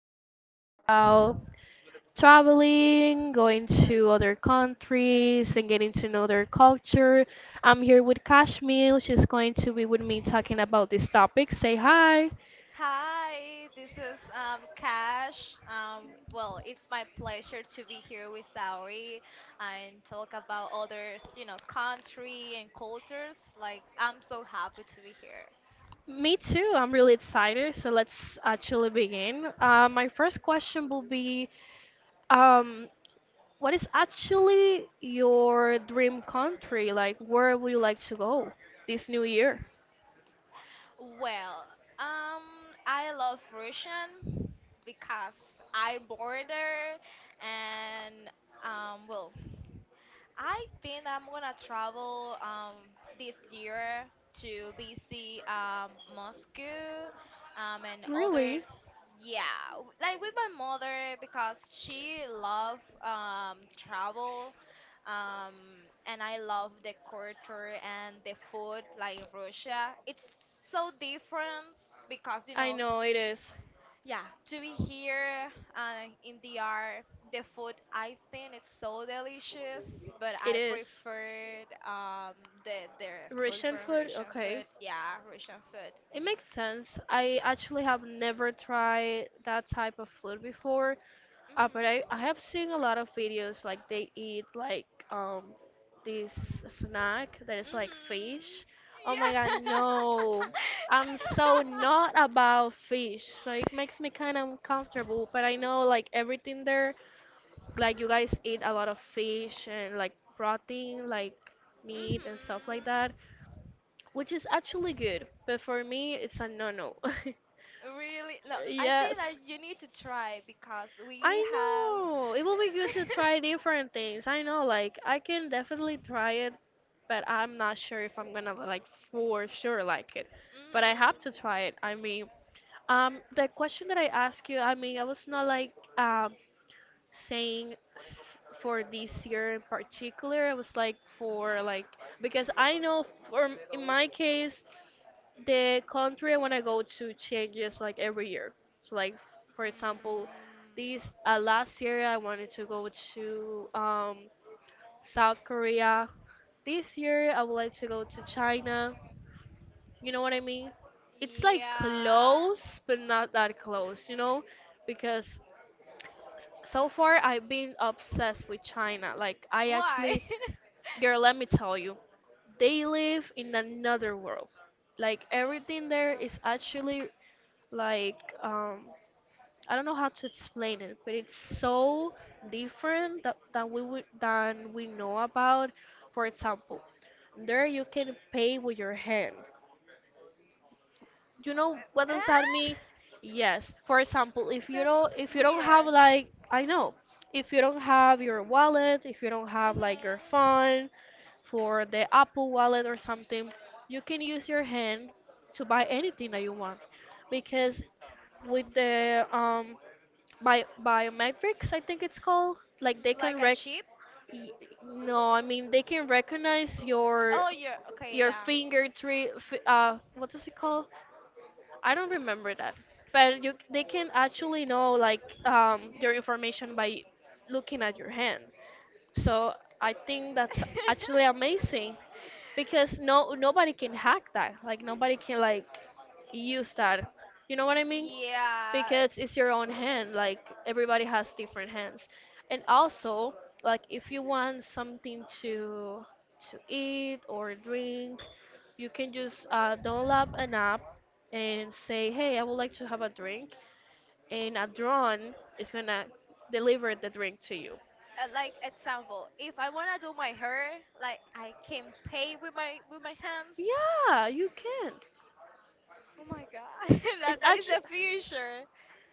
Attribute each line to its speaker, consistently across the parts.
Speaker 1: be talking about traveling, going to other countries, and getting to know their culture. I'm here with Kashmir. She's going to be with me talking about this topic. Say hi.
Speaker 2: Hi, this is Cash. Well, it's my pleasure to be here with Saori and talk about others, you know, country and cultures. Like, I'm so happy to be here.
Speaker 1: Me too. I'm really excited. So let's actually begin. My first question will be, um, what is actually your dream country? Like, where would you like to go this new year?
Speaker 2: Well, um, I love Russian because I border and well, I think I'm gonna travel this year to visit Moscow and others.
Speaker 1: Really?
Speaker 2: Yeah, like with my mother because she love travel um and I love the culture and the food like in Russia. It's so different because
Speaker 1: I know it is.
Speaker 2: yeah, to be here in D.R. the food I think it's so delicious, but
Speaker 1: It
Speaker 2: I
Speaker 1: is.
Speaker 2: preferred the food
Speaker 1: Russian
Speaker 2: from
Speaker 1: food?
Speaker 2: Russian
Speaker 1: Okay.
Speaker 2: food. Yeah, Russian food.
Speaker 1: It makes sense. I actually have never tried that type of food before. Uh, but I,
Speaker 2: Mhm.
Speaker 1: I have seen a lot of videos like they eat like um this snack that is like
Speaker 2: Mhm.
Speaker 1: fish. Oh my
Speaker 2: Yeah.
Speaker 1: God, no. I'm so not about fish. So it makes me kind of uncomfortable, but I know like everything there, like you guys eat a lot of fish and like protein, like
Speaker 2: mhm.
Speaker 1: meat and stuff like that, which is actually good. But for me, it's a no-no.
Speaker 2: Really? No, I think
Speaker 1: Yes.
Speaker 2: that you need to try because we
Speaker 1: I
Speaker 2: have.
Speaker 1: know it will be good to try different things. I know, like I can definitely try it, but I'm not sure if I'm gonna like for sure like it. But I have to
Speaker 2: mhm.
Speaker 1: try it. I mean, the question that I asked you, I mean, I was not like um saying for this year in particular. I was like for like because I know for in my case, the country I want to go to changes like every year. So like for
Speaker 2: Mm.
Speaker 1: example, this last year I wanted to go to South Korea. This year I would like to go to China. You know what I mean? It's like
Speaker 2: Yeah.
Speaker 1: close, but not that close. You know, because so far I've been obsessed with China. Like I
Speaker 2: Why?
Speaker 1: actually, girl, let me tell you, they live in another world. Like everything there is actually like um I don't know how to explain it, but it's so different that, than we would than we know about. For example, there you can pay with your hand. You know what does that
Speaker 2: ah?
Speaker 1: mean? Yes. For example, if you don't
Speaker 2: That's
Speaker 1: if you don't have
Speaker 2: weird.
Speaker 1: like I know, if you don't have your wallet, if you don't have
Speaker 2: Mhm.
Speaker 1: like your phone for the Apple wallet or something, you can use your hand to buy anything that you want because with the biometrics, I think it's called, like they
Speaker 2: Like
Speaker 1: can
Speaker 2: a chip?
Speaker 1: y- no, I mean they can recognize
Speaker 2: Oh, yeah. Okay,
Speaker 1: your
Speaker 2: yeah.
Speaker 1: what does it called? I don't remember that, but you they can actually know like your information by looking at your hand. So I think that's actually amazing because no nobody can hack that, like nobody can like use that, you know what I mean?
Speaker 2: yeah.
Speaker 1: Because it's your own hand, like everybody has different hands. And also, like if you want something to eat or drink, you can just download an app and say, hey, I would like to have a drink, and a drone is gonna deliver the drink to you.
Speaker 2: Like example, if I wanna do my hair, like I can pay with my hands.
Speaker 1: Yeah, you can.
Speaker 2: Oh my god,
Speaker 1: It's
Speaker 2: that is
Speaker 1: actually
Speaker 2: the future.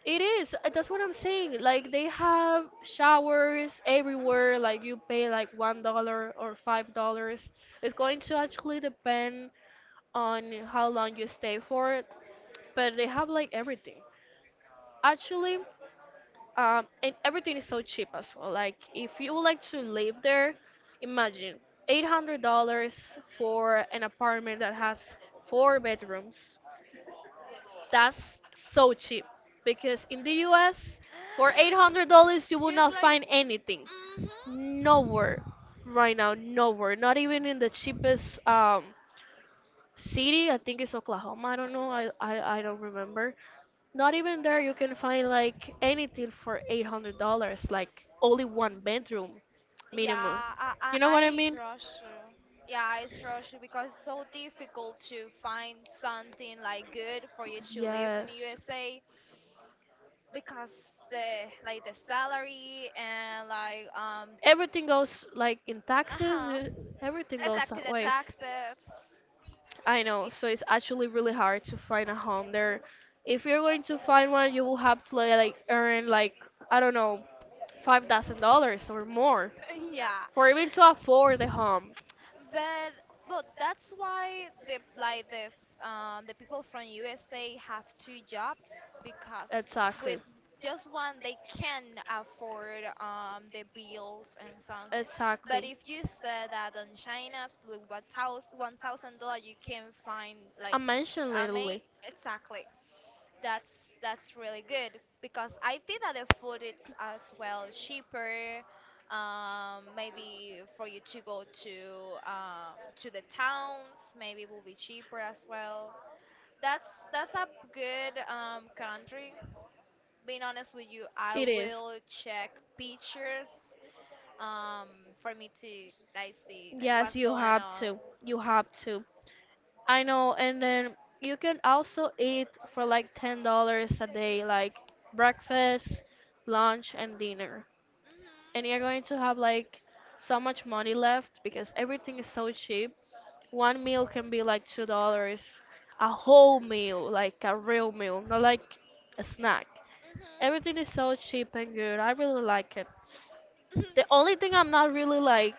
Speaker 1: It is. That's what I'm saying. Like they have showers everywhere. Like
Speaker 2: Hmm.
Speaker 1: you pay like $1 or $5. It's going to actually depend on how long you stay for it. But they have like everything. Actually, and everything is so cheap as well. Like if you would like to live there, imagine $800 for an apartment that has four bedrooms. That's so cheap because in the US, for $800, you will
Speaker 2: Yes,
Speaker 1: not
Speaker 2: like,
Speaker 1: find anything.
Speaker 2: hmm.
Speaker 1: Nowhere right now, nowhere. Not even in the cheapest city. I think it's Oklahoma. I don't know. I don't remember. Not even there, you can find like anything for $800, like only one bedroom
Speaker 2: Yeah,
Speaker 1: minimum.
Speaker 2: I, I,
Speaker 1: You know what I
Speaker 2: I
Speaker 1: mean?
Speaker 2: trust you. Yeah, I trust you because it's so difficult to find something like good for you to live in
Speaker 1: Yes.
Speaker 2: USA because the salary and like
Speaker 1: Everything goes like in
Speaker 2: uh
Speaker 1: taxes,
Speaker 2: huh
Speaker 1: everything goes
Speaker 2: exactly
Speaker 1: that
Speaker 2: the
Speaker 1: way.
Speaker 2: taxes.
Speaker 1: I know,
Speaker 2: It's
Speaker 1: so it's actually really hard to find a home there. If you're going to find one, you will have to earn like I don't know, $5,000 or more
Speaker 2: yeah.
Speaker 1: for even to afford the home.
Speaker 2: But that's why the like the f- the people from USA have 2 jobs because
Speaker 1: Exactly,
Speaker 2: with just one they can afford the bills and something. But
Speaker 1: exactly.
Speaker 2: if you said that on China with $1,000 you can find
Speaker 1: I mentioned
Speaker 2: I
Speaker 1: literally.
Speaker 2: mean exactly that's that's really good because I think that the food is as well cheaper. Maybe for you to go to the towns, maybe it will be cheaper as well. That's that's a good country. Being honest with you, I
Speaker 1: It is.
Speaker 2: will check pictures um, for me to like see like
Speaker 1: Yes,
Speaker 2: what's
Speaker 1: you
Speaker 2: going
Speaker 1: have
Speaker 2: on.
Speaker 1: to. You have to. I know, and then you can also eat for like $10 a day, like breakfast, lunch, and dinner. And you're
Speaker 2: Mhm.
Speaker 1: going to have like so much money left because everything is so cheap. One meal can be like $2, a whole meal, like a real meal, not like a snack.
Speaker 2: Mhm.
Speaker 1: Everything is so cheap and good. I really like it. The only thing I'm not really like,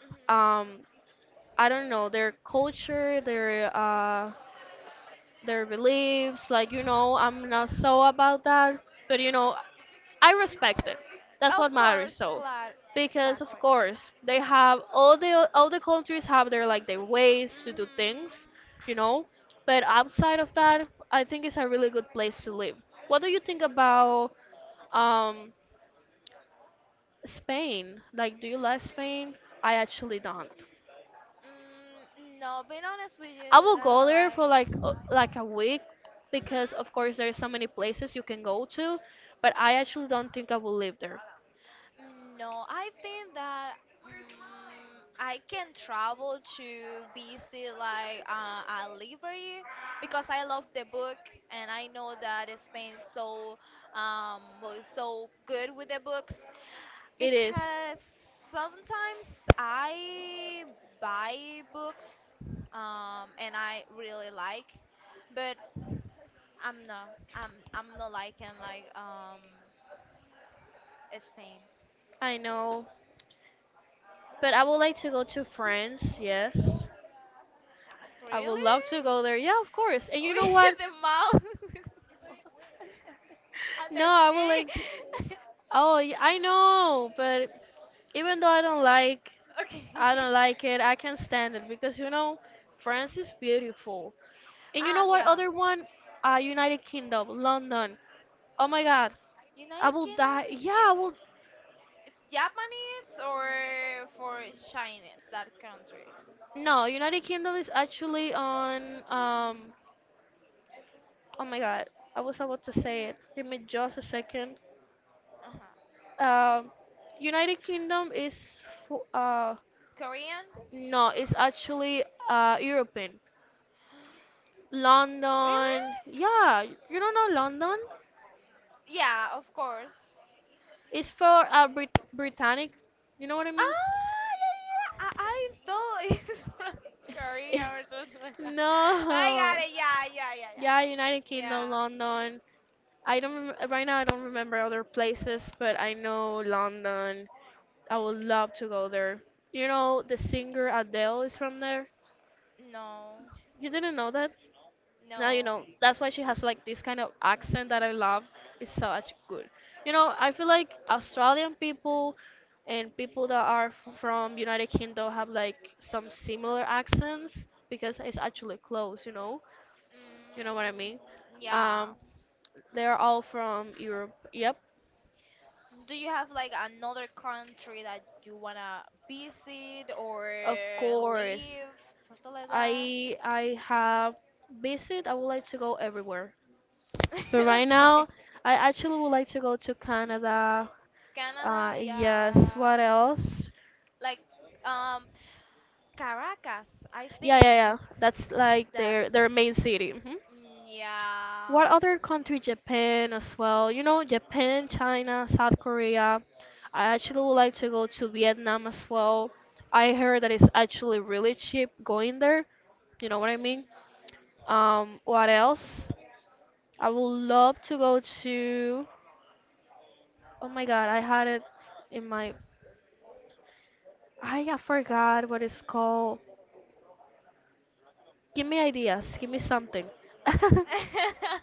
Speaker 2: Mhm.
Speaker 1: um, I don't know, their culture, their beliefs. Like you know, I'm not so about that. But you know, I respect it. That's
Speaker 2: Of
Speaker 1: what matters.
Speaker 2: course,
Speaker 1: So,
Speaker 2: glad.
Speaker 1: because of
Speaker 2: Exactly.
Speaker 1: course they have all the countries have their like their ways to do things,
Speaker 2: Mm-hmm.
Speaker 1: you know. But outside of that, I think it's a really good place to live. What do you think about um Spain? Like, do you like Spain? I actually don't.
Speaker 2: Mm, no, being honest with you,
Speaker 1: I will
Speaker 2: I
Speaker 1: go there for
Speaker 2: don't like.
Speaker 1: like a week because of
Speaker 2: Mm-hmm.
Speaker 1: course there's so many places you can go to, but I actually don't think I will live there.
Speaker 2: No, I think that I can travel to visit like a library because I love the book and I know that Spain so was so good with the books
Speaker 1: It is.
Speaker 2: because sometimes I buy books and I really like but I'm not liking like Spain.
Speaker 1: I know. But I would like to go to France, yes. I would
Speaker 2: Really?
Speaker 1: love to go there. Yeah, of course. And you know
Speaker 2: With
Speaker 1: what?
Speaker 2: the mouth, with the mouth and the
Speaker 1: No, I would like to,
Speaker 2: street.
Speaker 1: I know, but even though
Speaker 2: Okay.
Speaker 1: I don't like it, I can stand it because you know France is beautiful. And you know what
Speaker 2: Yeah.
Speaker 1: other one? United Kingdom, London. Oh my God, I
Speaker 2: United
Speaker 1: will
Speaker 2: Kingdom,
Speaker 1: die. Yeah, I
Speaker 2: it's
Speaker 1: will.
Speaker 2: it's Japanese or for Chinese that country.
Speaker 1: No, United Kingdom is actually on. Oh my God, I was about to say it. Give me just a second.
Speaker 2: Uh-huh.
Speaker 1: Um, United Kingdom is. fo- Uh,
Speaker 2: Korean?
Speaker 1: no, it's actually European.
Speaker 2: Really?
Speaker 1: London. Yeah, you don't know London?
Speaker 2: Yeah, of course.
Speaker 1: It's for Brit Britannic. You know what I mean?
Speaker 2: Ah, yeah, yeah, yeah. I thought it's from Korea or something like that. I
Speaker 1: No.
Speaker 2: got it. Yeah, yeah, yeah, yeah.
Speaker 1: Yeah, United
Speaker 2: Yeah.
Speaker 1: Kingdom, London. I don't rem- right now. I don't remember other places, but I know London. I would love to go there. You know, the singer Adele is from there.
Speaker 2: No,
Speaker 1: You didn't know that? Now you
Speaker 2: no.
Speaker 1: know. That's why she has like this kind of accent that I love. It's such good. You know, I feel like Australian people and people that are from United Kingdom have like some similar accents because it's actually close. You know what I mean?
Speaker 2: Mm, yeah.
Speaker 1: Um, They're all from Europe. Yep,
Speaker 2: Do you have like another country that you wanna visit or
Speaker 1: of course.
Speaker 2: live, something like that?
Speaker 1: I have visit. I would like to go everywhere, but right now
Speaker 2: Okay.
Speaker 1: I actually would like to go to Canada.
Speaker 2: Canada,
Speaker 1: Yes. What
Speaker 2: yeah.
Speaker 1: else?
Speaker 2: Like, um, Caracas. I
Speaker 1: Yeah, yeah,
Speaker 2: think
Speaker 1: yeah. That's like
Speaker 2: that's.
Speaker 1: their main city. Hmm.
Speaker 2: Mm, yeah.
Speaker 1: What other country? Japan as well. You know, Japan, China, South Korea. I actually would like to go to Vietnam as well. I heard that it's actually really cheap going there. You know what I mean? What else? I would love to go to. Oh my God, I had it in my. I forgot what
Speaker 2: So,
Speaker 1: it's called. Give me ideas. Give me something.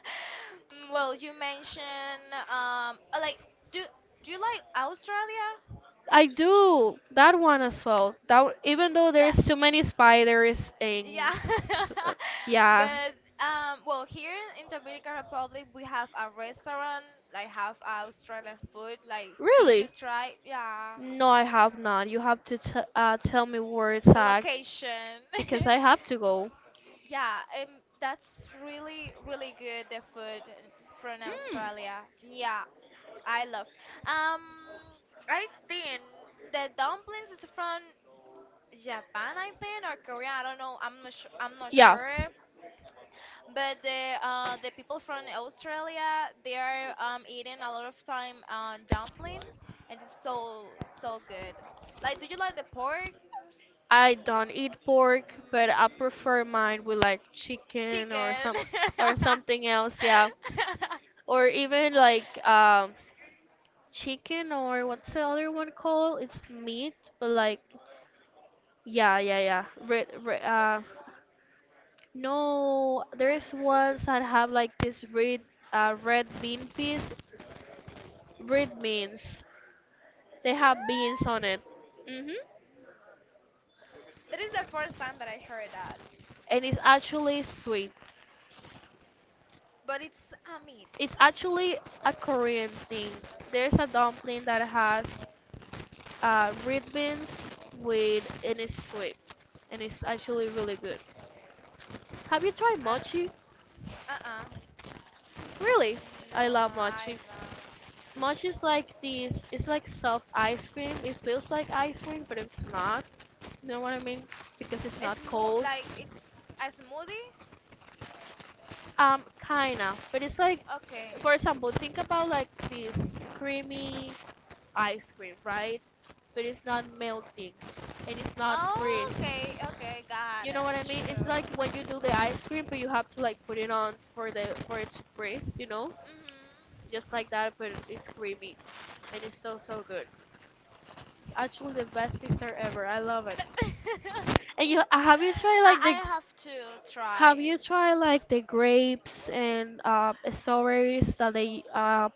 Speaker 2: mm, well, you mentioned like do do you like Australia?
Speaker 1: I do that one as well. That one- even though
Speaker 2: That
Speaker 1: there's too many spiders and
Speaker 2: yeah.
Speaker 1: uh, yeah,
Speaker 2: But well, here in Dominican Republic we have a restaurant like have Australian food. Like did you
Speaker 1: really?
Speaker 2: try? Yeah,
Speaker 1: No, I have not. You have to t tell me where it's
Speaker 2: the
Speaker 1: at
Speaker 2: location.
Speaker 1: because I have to go.
Speaker 2: Yeah, that's really really good the food from Australia. Yeah, I love. Um, I think the dumplings is from Japan, I
Speaker 1: Mm.
Speaker 2: think, or Korea. I don't know. I'm not
Speaker 1: Yeah,
Speaker 2: sure. But the people from Australia, they are eating a lot of time dumpling, and it's so so good. Like, do you like the pork?
Speaker 1: I don't eat pork, but
Speaker 2: Mm,
Speaker 1: I prefer mine with like chicken or
Speaker 2: chicken.
Speaker 1: some or something else. Yeah,
Speaker 2: Ah,
Speaker 1: or even like chicken or what's the other one called? It's meat, but like yeah, yeah, yeah. No, there's ones that have like this red red bean piece, red beans. They have beans on it. Mhm.
Speaker 2: that is the first time that I heard that,
Speaker 1: And it's actually sweet.
Speaker 2: but it's a meat.
Speaker 1: It's actually a Korean thing. There's a dumpling that has red beans with, and it's sweet, and it's actually really good. Have you tried
Speaker 2: I,
Speaker 1: mochi?
Speaker 2: Uh-uh.
Speaker 1: Really,
Speaker 2: No,
Speaker 1: I love
Speaker 2: I
Speaker 1: mochi.
Speaker 2: don't.
Speaker 1: Mochi is like this. It's like soft ice cream. It feels like ice cream, but it's not. You know what I mean? Because it's not cold.
Speaker 2: Like it's a smoothie?
Speaker 1: Kinda. But it's like,
Speaker 2: Okay.
Speaker 1: for example, think about like this creamy ice cream, right? But it's not melting and it's not freeze.
Speaker 2: Okay, okay, got
Speaker 1: You know what
Speaker 2: it.
Speaker 1: I
Speaker 2: Sure.
Speaker 1: mean? It's like when you do the ice cream, but you have to like put it on for the for it to freeze. You know,
Speaker 2: Mhm.
Speaker 1: just like that, but it's creamy and it's so so good. It's actually the best pizza ever. I love it. And you have you tried
Speaker 2: I
Speaker 1: like
Speaker 2: I
Speaker 1: the
Speaker 2: have to
Speaker 1: have
Speaker 2: try.
Speaker 1: you tried like the grapes and strawberries that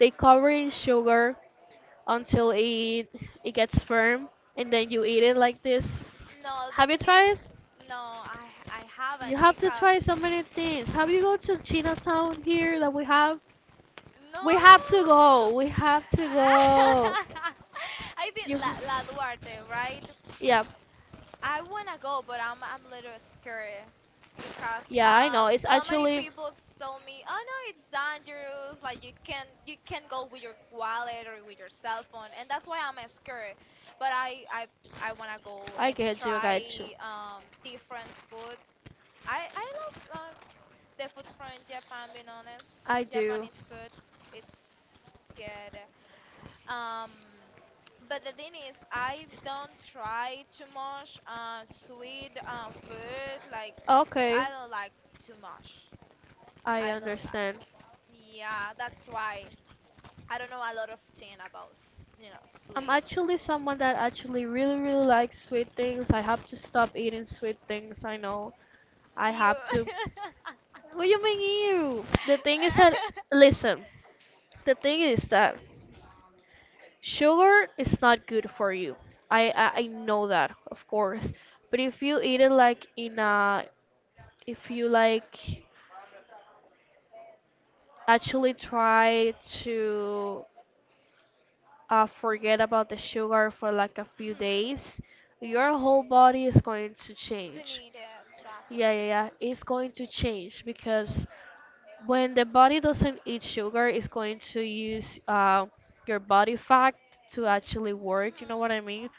Speaker 1: they cover in sugar until it gets firm and then you eat it like this?
Speaker 2: No, the
Speaker 1: Have you
Speaker 2: thing is,
Speaker 1: tried?
Speaker 2: no, I
Speaker 1: You
Speaker 2: haven't
Speaker 1: have to
Speaker 2: because
Speaker 1: try so many things. Have you go to Chinatown here that we have?
Speaker 2: no.
Speaker 1: We have to go. We have to go.
Speaker 2: I did
Speaker 1: You have,
Speaker 2: La Duarte, right?
Speaker 1: yeah,
Speaker 2: I wanna go, but I'm a little scared because
Speaker 1: yeah. I know. It's
Speaker 2: so many
Speaker 1: actually.
Speaker 2: people told me, oh no, it's dangerous. Like you can go with your wallet or with your cell phone, and that's why I'm scared. But I wanna go
Speaker 1: I
Speaker 2: and
Speaker 1: get you. I get you.
Speaker 2: try different food. I love um. The food from Japan, being honest,
Speaker 1: I do.
Speaker 2: Japanese food, it's good. Um, but the thing is, I don't try too much sweet food. Like
Speaker 1: Okay,
Speaker 2: I don't like too much.
Speaker 1: I
Speaker 2: I don't like.
Speaker 1: understand.
Speaker 2: Yeah, that's why I don't know a lot of thing about you know
Speaker 1: I'm
Speaker 2: sweet.
Speaker 1: actually someone that actually really, really likes sweet things. I have to stop eating sweet things. I know. I
Speaker 2: You.
Speaker 1: have to. What do you mean you? The thing is that. Listen. The thing is that sugar is not good for you. I know that, of course. But if you eat it like in a, if you like actually try to forget about the sugar for like a few
Speaker 2: mhm.
Speaker 1: days, your whole body is going to
Speaker 2: To
Speaker 1: change.
Speaker 2: need it, exactly.
Speaker 1: Yeah, yeah, yeah. It's going to change because when the body doesn't eat sugar, it's going to use your body fat to actually work. You know what I
Speaker 2: Mhm.
Speaker 1: mean?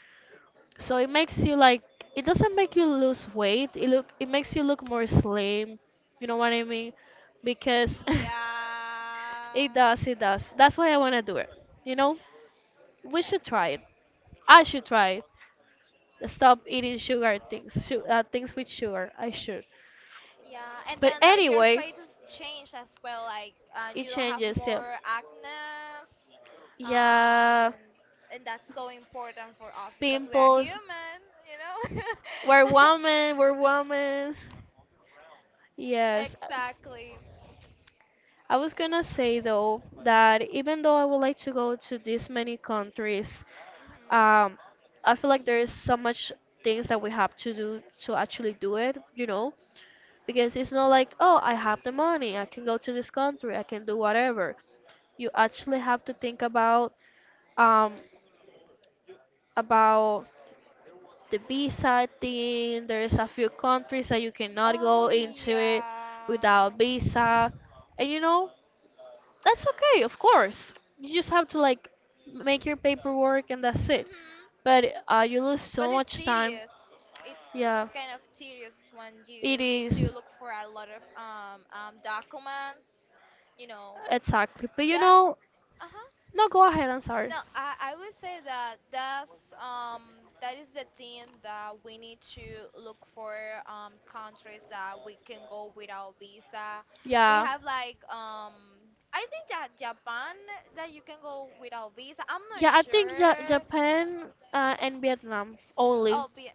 Speaker 1: So it makes you like it doesn't make you lose weight. It makes you look more slim. You know what I mean? Because
Speaker 2: Yeah.
Speaker 1: it does, it does. That's why I wanna do it. You know? We
Speaker 2: Like,
Speaker 1: should try it. I should try it. Stop eating sugar things, things with sugar. I should.
Speaker 2: yeah, and
Speaker 1: But
Speaker 2: then like your
Speaker 1: anyway,
Speaker 2: face is changed as well. Like
Speaker 1: it
Speaker 2: you don't have
Speaker 1: changes. Yeah,
Speaker 2: more acne,
Speaker 1: yeah.
Speaker 2: um, and that's so important for us because we are
Speaker 1: Pimples.
Speaker 2: human, you know.
Speaker 1: We're women. We're women. Yes.
Speaker 2: exactly.
Speaker 1: I was gonna say though that even though I would like to go to this many countries,
Speaker 2: Hmm.
Speaker 1: um, I feel like there is so much things that we have to do to actually do it, you know, because it's not like, oh, I have the money, I can go to this country, I can do whatever. You actually have to think about um about the visa thing. There's a few countries that you cannot go
Speaker 2: Oh
Speaker 1: into it without
Speaker 2: yeah.
Speaker 1: visa. And you know, that's okay, of course. You just have to like make your paperwork and that's it.
Speaker 2: Mhm.
Speaker 1: But you lose
Speaker 2: But
Speaker 1: so
Speaker 2: it's
Speaker 1: much time.
Speaker 2: tedious. It's
Speaker 1: Yeah,
Speaker 2: kind of tedious when
Speaker 1: it
Speaker 2: you need
Speaker 1: is
Speaker 2: to look for a lot of documents, you know,
Speaker 1: exactly. But you
Speaker 2: That's
Speaker 1: know,
Speaker 2: uh-huh.
Speaker 1: no, go ahead. I'm sorry.
Speaker 2: No, I would say that that is the thing that we need to look for countries that we can go without visa. We
Speaker 1: Yeah,
Speaker 2: have like I think that Japan that you can go without visa. I'm not
Speaker 1: yeah. I think
Speaker 2: sure.
Speaker 1: Japan and Vietnam only.
Speaker 2: Oh, be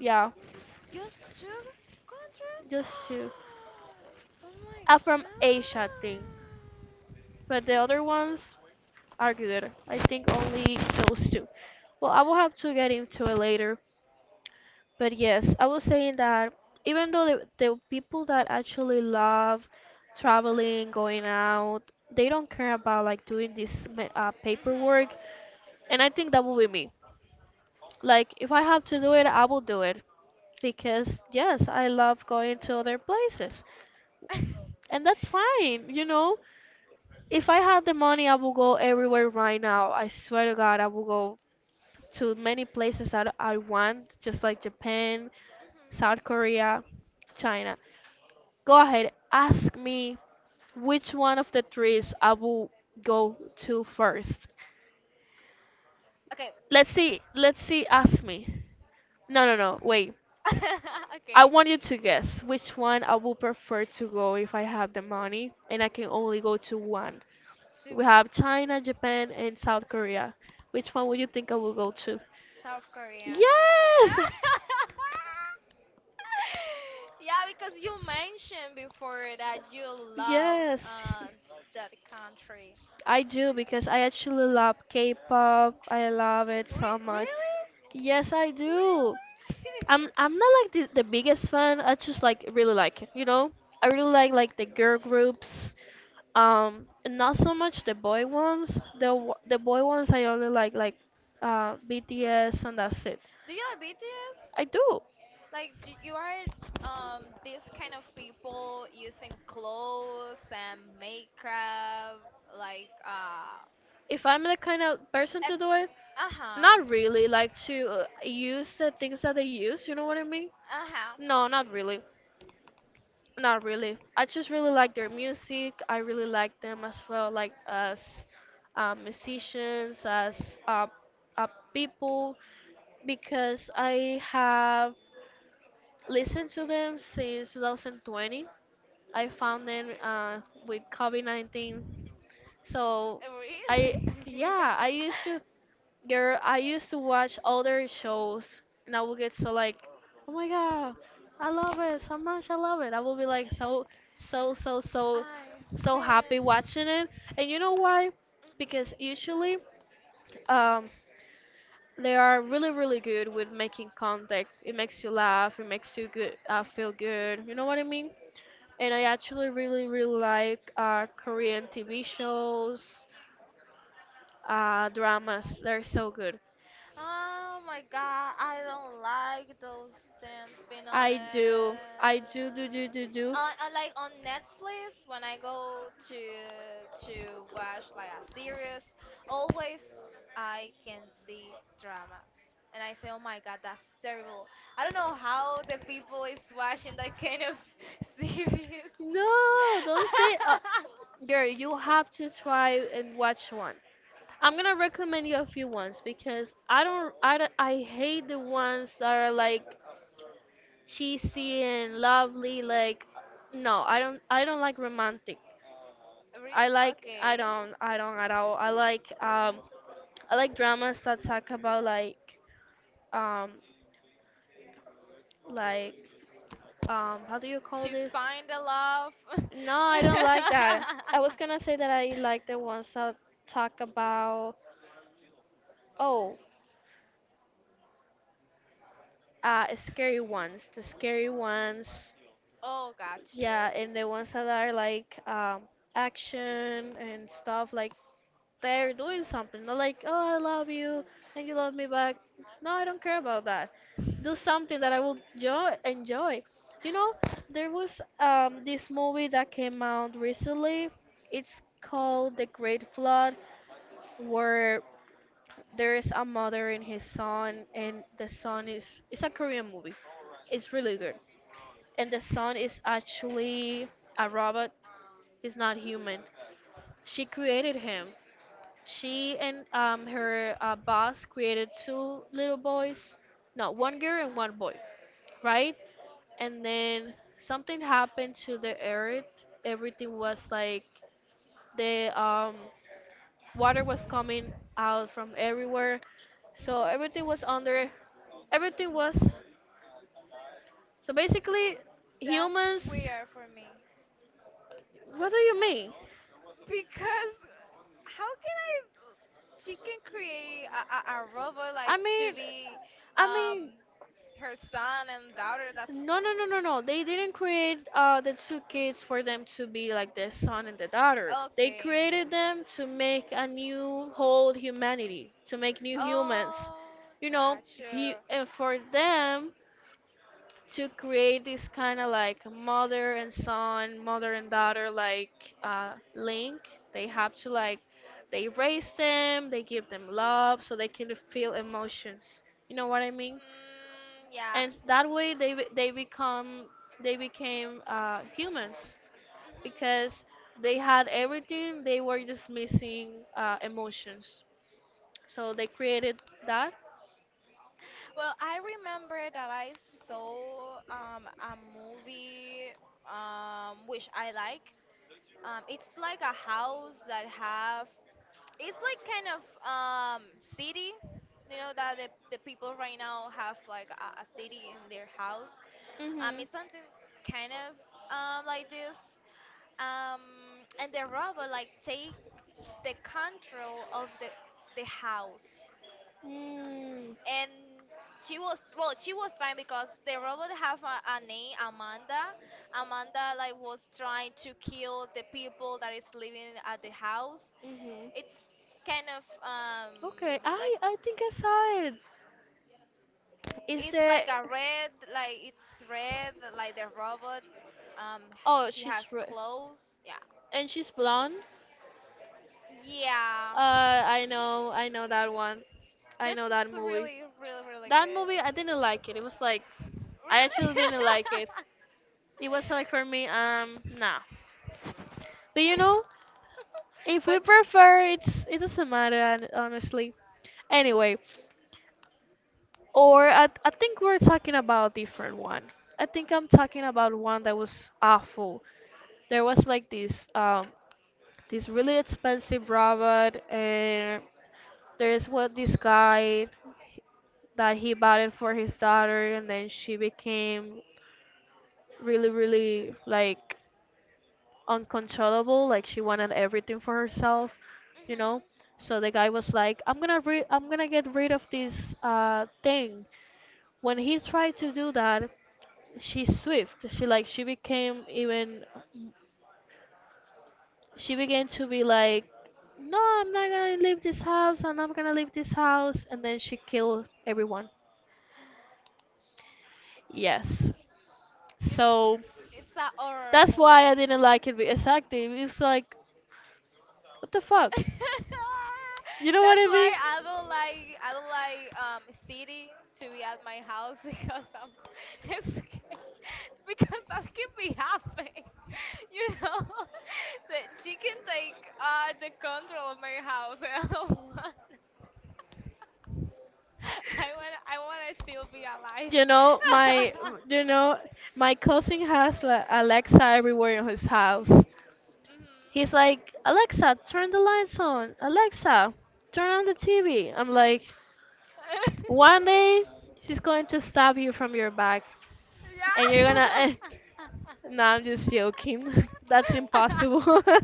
Speaker 1: Yeah,
Speaker 2: Just two countries?
Speaker 1: just two.
Speaker 2: Oh my
Speaker 1: From Asia, I
Speaker 2: god.
Speaker 1: think. But the other ones are good. I think only those two. Well, I will have to get into it later. But yes, I was saying that even though the people that actually love traveling, going out, they don't care about like doing this
Speaker 2: Mhm.
Speaker 1: paperwork. And I think that will be me. Like, if I have to do it, I will do it. Because, yes, I love going to other places. And that's fine, you know? If I had the money, I would go everywhere right now. I swear to God, I would go to many places that I want, just like Japan, South
Speaker 2: Mhm.
Speaker 1: Korea, China. Go ahead, ask me which one of the threes I will go to first.
Speaker 2: Okay,
Speaker 1: Let's see, ask me. No, no, no, wait. I
Speaker 2: okay.
Speaker 1: want you to guess which one I would prefer to go if I have the money and I can only go to one.
Speaker 2: To
Speaker 1: We have China, Japan, and South Korea. Which one would you think I will go to?
Speaker 2: South Korean.
Speaker 1: Yes!
Speaker 2: Yeah, because you mentioned before that you love
Speaker 1: Yes,
Speaker 2: that country.
Speaker 1: I do because I actually love K-pop. I love it so much.
Speaker 2: Really?
Speaker 1: Yes, I do.
Speaker 2: Really?
Speaker 1: I'm I'm not like the biggest fan. I just like really like it, you know. I really like the girl groups. Not so much the boy ones. The boy ones I only like BTS and that's it.
Speaker 2: Do you like BTS?
Speaker 1: I do.
Speaker 2: Like, do, you are this kind of people using clothes and makeup, like uh
Speaker 1: If I'm the kind of person
Speaker 2: Ex-
Speaker 1: to do it,
Speaker 2: uh-huh.
Speaker 1: not really. Like to use the things that they use. You know what I mean?
Speaker 2: Uh-huh.
Speaker 1: No, not really. Not really. I just really like their music. I really like them as well, like as musicians, as uh, people, because I have listened to them since 2020. I found them with COVID 19. So I
Speaker 2: Really?
Speaker 1: yeah, I used to girl, I used to watch other shows and I would get so like, oh my god, I love it so much, I love it. I will be like so so so
Speaker 2: I have
Speaker 1: so happy
Speaker 2: been.
Speaker 1: watching it. And you know why? Because usually um they are really really good with making contact. It makes you laugh, it makes you good feel good. You know what I mean? And I actually really really like Korean TV shows dramas. They're so good.
Speaker 2: Oh my god, I don't like those things, being honest.
Speaker 1: I do, do, do, do, do.
Speaker 2: I like on Netflix when I go to watch like a series, always I can see dramas. And I say, oh my god, that's terrible. I don't know how the people is watching that kind of series.
Speaker 1: No, don't say, girl. You have to try and watch one. I'm gonna recommend you a few ones because I don't, I, don't- I hate the ones that are like cheesy and lovely. Like, no, I don't like romantic.
Speaker 2: Re-
Speaker 1: I like I
Speaker 2: okay.
Speaker 1: don't I don't at all. I like dramas that talk about um like how do you call
Speaker 2: To
Speaker 1: this?
Speaker 2: find the love.
Speaker 1: No, I don't like that. I was gonna say that I like the ones that talk about oh scary ones, the scary ones.
Speaker 2: Oh, gotcha.
Speaker 1: Yeah, and the ones that are like action and stuff like they're doing something. They're like, oh, I love you and you love me back. No, I don't care about that. Do something that I will enjoy. You know, there was this movie that came out recently. It's called The Great Flood, where there is a mother and his son, and the son is. It's a Korean movie. It's really good. And the son is actually a robot, he's not human. She created him She and her boss created two little boys, no, one girl and one boy, right? And then something happened to the earth. Everything was like the water was coming out from everywhere, so everything
Speaker 2: Hmm.
Speaker 1: was under. Everything was so basically
Speaker 2: That's
Speaker 1: humans.
Speaker 2: weird for me
Speaker 1: What do you mean?
Speaker 2: because how can I? She can create a robot
Speaker 1: I
Speaker 2: like to
Speaker 1: mean,
Speaker 2: be
Speaker 1: I
Speaker 2: um
Speaker 1: mean.
Speaker 2: her son and daughter. That's
Speaker 1: No, no, no, no, no. They didn't create the two kids for them to be like the son and the daughter. They
Speaker 2: okay.
Speaker 1: created them to make a new whole humanity, to make new humans.
Speaker 2: Oh,
Speaker 1: You know, he
Speaker 2: gotcha.
Speaker 1: and for them to create this kind of like mother and son, mother and daughter like link, they have to like they raise them, they give them love, so they can feel emotions. You know what I mean?
Speaker 2: Mm, yeah.
Speaker 1: And that way they become they became humans because they had everything they
Speaker 2: Hmm.
Speaker 1: were just missing emotions so they created that.
Speaker 2: Well, I remember that I saw a movie which I like. It's like a house that have it's like kind of city. You know that the people right now have like a city in their house.
Speaker 1: Mm-hmm.
Speaker 2: It's something kind of like this. Um, and the robot like take the control of the house.
Speaker 1: Mm,
Speaker 2: And she was well she was trying because the robot have a name Amanda. Amanda like was trying to kill the people that is living at the house.
Speaker 1: mhm.
Speaker 2: It's kind of
Speaker 1: Okay,
Speaker 2: like
Speaker 1: I think I saw it is
Speaker 2: it's
Speaker 1: the
Speaker 2: like a red like it's red like the robot, um
Speaker 1: oh
Speaker 2: she has
Speaker 1: she's red
Speaker 2: clothes yeah.
Speaker 1: and she's blonde.
Speaker 2: Yeah,
Speaker 1: I know that one. I
Speaker 2: that's
Speaker 1: know that movie.
Speaker 2: really really really
Speaker 1: That
Speaker 2: good.
Speaker 1: movie, I didn't like it. It was like, I actually
Speaker 2: Really
Speaker 1: didn't like it. It was like for me, nah. But you know, if we
Speaker 2: but
Speaker 1: prefer, it's it doesn't matter, honestly. Anyway, or I think we're talking about a different one. I think I'm talking about one that was awful. There was like this. This really expensive robot, and there is what this guy that he bought it for his daughter, and then she became really, really like uncontrollable. Like she wanted everything for herself, you know.
Speaker 2: mhm,
Speaker 1: So the guy was like, "I'm gonna I'm gonna get rid of this thing." When he tried to do that, she's swift. She became even she began to be like, "No, I'm not gonna leave this house, and I'm gonna leave this house," and then she killed everyone. Yes. So
Speaker 2: it's a horror
Speaker 1: that's why I
Speaker 2: movie.
Speaker 1: didn't like it. Exactly. It's like, what the fuck? You know what
Speaker 2: That's
Speaker 1: I
Speaker 2: why
Speaker 1: mean?
Speaker 2: I don't like city to be at my house because I'm scared because that can be happening. You know that she can take the control of my house and I don't want I want to still be alive.
Speaker 1: You know, my, you know, my cousin has like Alexa everywhere in his house. He's like, Alexa, turn the lights on. Alexa, turn on the TV. I'm like, one day she's going to stab you from your back, and you're
Speaker 2: Mhm.
Speaker 1: gonna. No, I'm just joking. That's
Speaker 2: Yeah.
Speaker 1: impossible.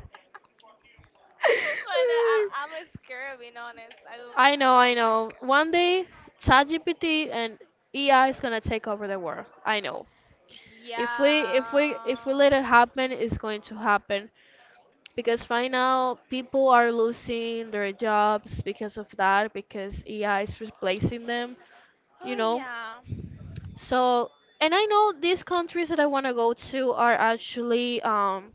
Speaker 2: but no, I, I'm scared being honest.
Speaker 1: I
Speaker 2: I
Speaker 1: know, I
Speaker 2: don't
Speaker 1: know.
Speaker 2: like it.
Speaker 1: One day, ChatGPT and AI is gonna take over the world. I know. If we
Speaker 2: Yeah.
Speaker 1: let it happen, it's going to happen. Because right now people are losing their jobs because of that, because AI is replacing them, you
Speaker 2: Oh
Speaker 1: know.
Speaker 2: yeah.
Speaker 1: So, and I know these countries that I want to go to are actually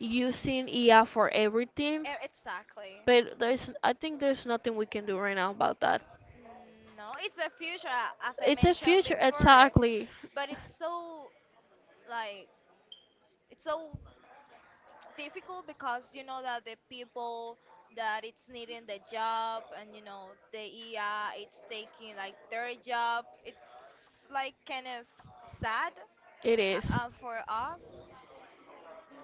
Speaker 1: using IA for everything,
Speaker 2: E- exactly.
Speaker 1: but there's I think there's nothing we can do right now about that.
Speaker 2: Mm, no, it's the future, as I
Speaker 1: It's a
Speaker 2: mentioned
Speaker 1: future,
Speaker 2: before.
Speaker 1: exactly.
Speaker 2: But it's so like it's so difficult because you know that the people that it's needing the job and you know the ER it's taking like their job. It's like kind of sad
Speaker 1: It is.
Speaker 2: for us.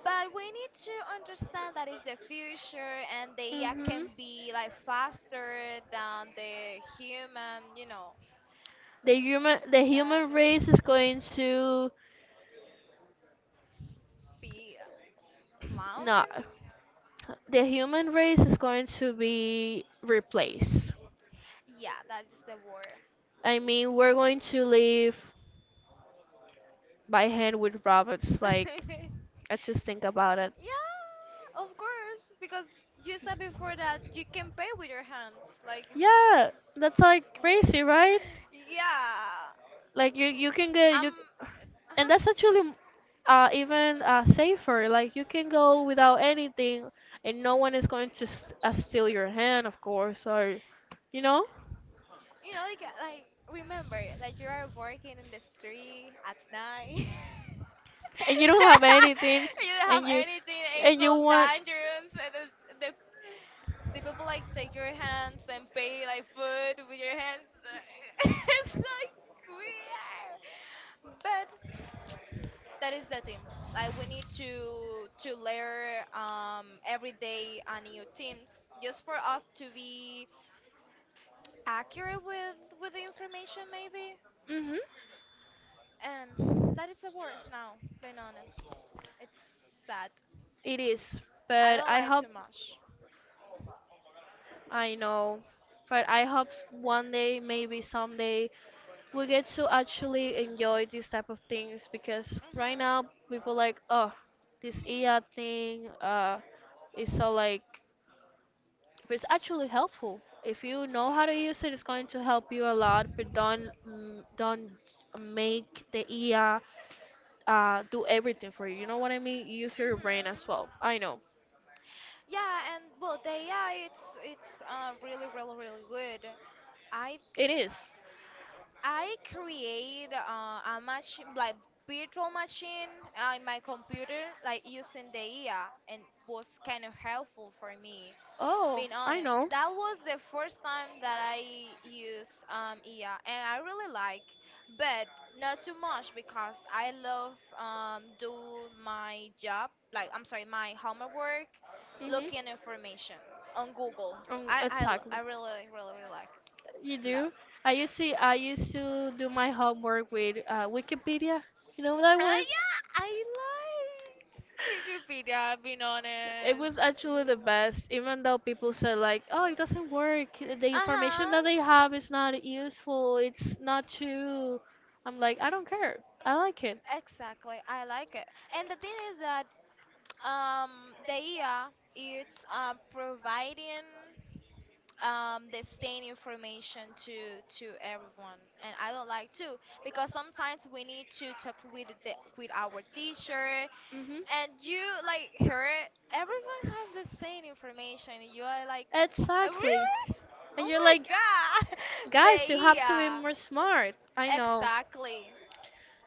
Speaker 2: But we need to understand that it's the future and the AI
Speaker 1: Mhm.
Speaker 2: can be like faster than the human, you know.
Speaker 1: The
Speaker 2: It's
Speaker 1: human the
Speaker 2: said
Speaker 1: human race is going to
Speaker 2: be
Speaker 1: not.
Speaker 2: lambing.
Speaker 1: The human race is going to be replaced.
Speaker 2: Yeah, that is the word.
Speaker 1: I mean, we're going to live by hand with robots. Like,
Speaker 2: yeah,
Speaker 1: I just think about it.
Speaker 2: of course, because you said before that you can pay with your hands. Like it's
Speaker 1: Yeah, that's like
Speaker 2: w-
Speaker 1: crazy, right?
Speaker 2: yeah.
Speaker 1: Like, you can get
Speaker 2: Um,
Speaker 1: you, and
Speaker 2: huh?
Speaker 1: that's actually even safer. Like, you can go without anything, and no one is going to steal your hand, of course, or you know,
Speaker 2: You know, like remember that you are working in the street at night. You
Speaker 1: and you don't have anything,
Speaker 2: don't
Speaker 1: and
Speaker 2: have
Speaker 1: you
Speaker 2: anything. It's
Speaker 1: and you
Speaker 2: so
Speaker 1: want.
Speaker 2: dangerous. And the the people like take your hands and pay like food with your hands. It's like weird. But that is the team. Like we need to layer every day a new teams just for us to be accurate with the information maybe.
Speaker 1: Mhm.
Speaker 2: That is a word now, being honest. It's sad.
Speaker 1: It is,
Speaker 2: I
Speaker 1: but
Speaker 2: don't
Speaker 1: I
Speaker 2: like
Speaker 1: hope
Speaker 2: too much.
Speaker 1: I know, but I hope one day, maybe someday, we get to actually enjoy these type of things because
Speaker 2: Mhm.
Speaker 1: right now people like, oh, this IA thing is so like but it's actually helpful if you know how to use it it's going to help you a lot but don't don't make the ea do everything for you you know what I mean use your brain as
Speaker 2: Mhm.
Speaker 1: well I know
Speaker 2: Yeah, and well, the AI it's it's really really really good. I
Speaker 1: it is
Speaker 2: I create a machine like virtual machine in my computer like using the AI and was kind of helpful for me.
Speaker 1: oh
Speaker 2: Being
Speaker 1: I
Speaker 2: honest,
Speaker 1: know
Speaker 2: that was the first time that I used IA, and I really like, but not too much because I love do my job, like I'm sorry, my homework, work, looking
Speaker 1: hmm
Speaker 2: information on Google.
Speaker 1: exactly
Speaker 2: I really really really like
Speaker 1: you
Speaker 2: love.
Speaker 1: do I used to do my homework with Wikipedia you know that one.
Speaker 2: Yeah, I like Wikipedia. Being
Speaker 1: It
Speaker 2: honest,
Speaker 1: was actually the
Speaker 2: really.
Speaker 1: best, even though people said like, "Oh, it doesn't work. The
Speaker 2: Uh
Speaker 1: information
Speaker 2: huh.
Speaker 1: that they have is not useful. It's not true." I'm like, I don't care. I like it.
Speaker 2: Exactly, I like it. And the thing is that the IA is providing the same information to everyone, and I don't like to because sometimes we need to talk with with our teacher,
Speaker 1: Mhm.
Speaker 2: and you like hear everyone have the same information. And you are like, "Oh,
Speaker 1: Exactly.
Speaker 2: really?
Speaker 1: And
Speaker 2: Oh
Speaker 1: you're
Speaker 2: my
Speaker 1: like,
Speaker 2: God, the
Speaker 1: guys, you have to be more smart. I
Speaker 2: IA,
Speaker 1: know.
Speaker 2: exactly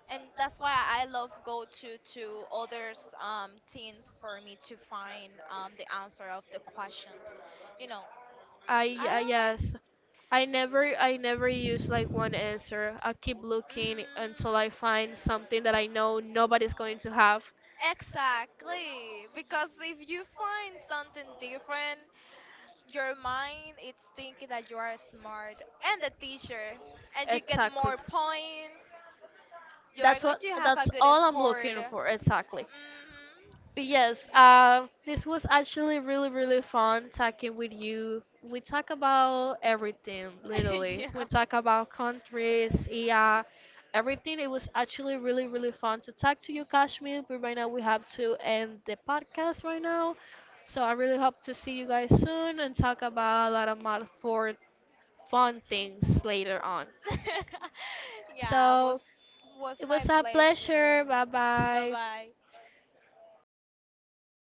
Speaker 2: and that's why I love go to others teens for me to find the answer of the questions. You know, I
Speaker 1: I
Speaker 2: don't like.
Speaker 1: yes. I never use like one answer. I keep looking until
Speaker 2: Hmm,
Speaker 1: I find something that I know nobody's going to have.
Speaker 2: exactly, because if you find something different, your mind it's thinking that you are smart and the teacher, and you get
Speaker 1: Exactly.
Speaker 2: more points. You are
Speaker 1: That's
Speaker 2: going
Speaker 1: what
Speaker 2: to have a
Speaker 1: that's
Speaker 2: good
Speaker 1: all I'm
Speaker 2: score.
Speaker 1: looking for exactly. Yes, this was actually really, really fun talking with you. We talk about everything,
Speaker 2: Hmm.
Speaker 1: literally. We
Speaker 2: yeah.
Speaker 1: talk about countries, yeah, everything. It was actually really, really fun to talk to you, Kashmir. But right now we have to end the podcast right now. So I really hope to see you guys soon and talk about a lot of more for fun things later on.
Speaker 2: yeah,
Speaker 1: So
Speaker 2: was
Speaker 1: it
Speaker 2: my
Speaker 1: was a
Speaker 2: pleasure.
Speaker 1: pleasure. Bye
Speaker 2: Bye
Speaker 1: bye.
Speaker 2: bye.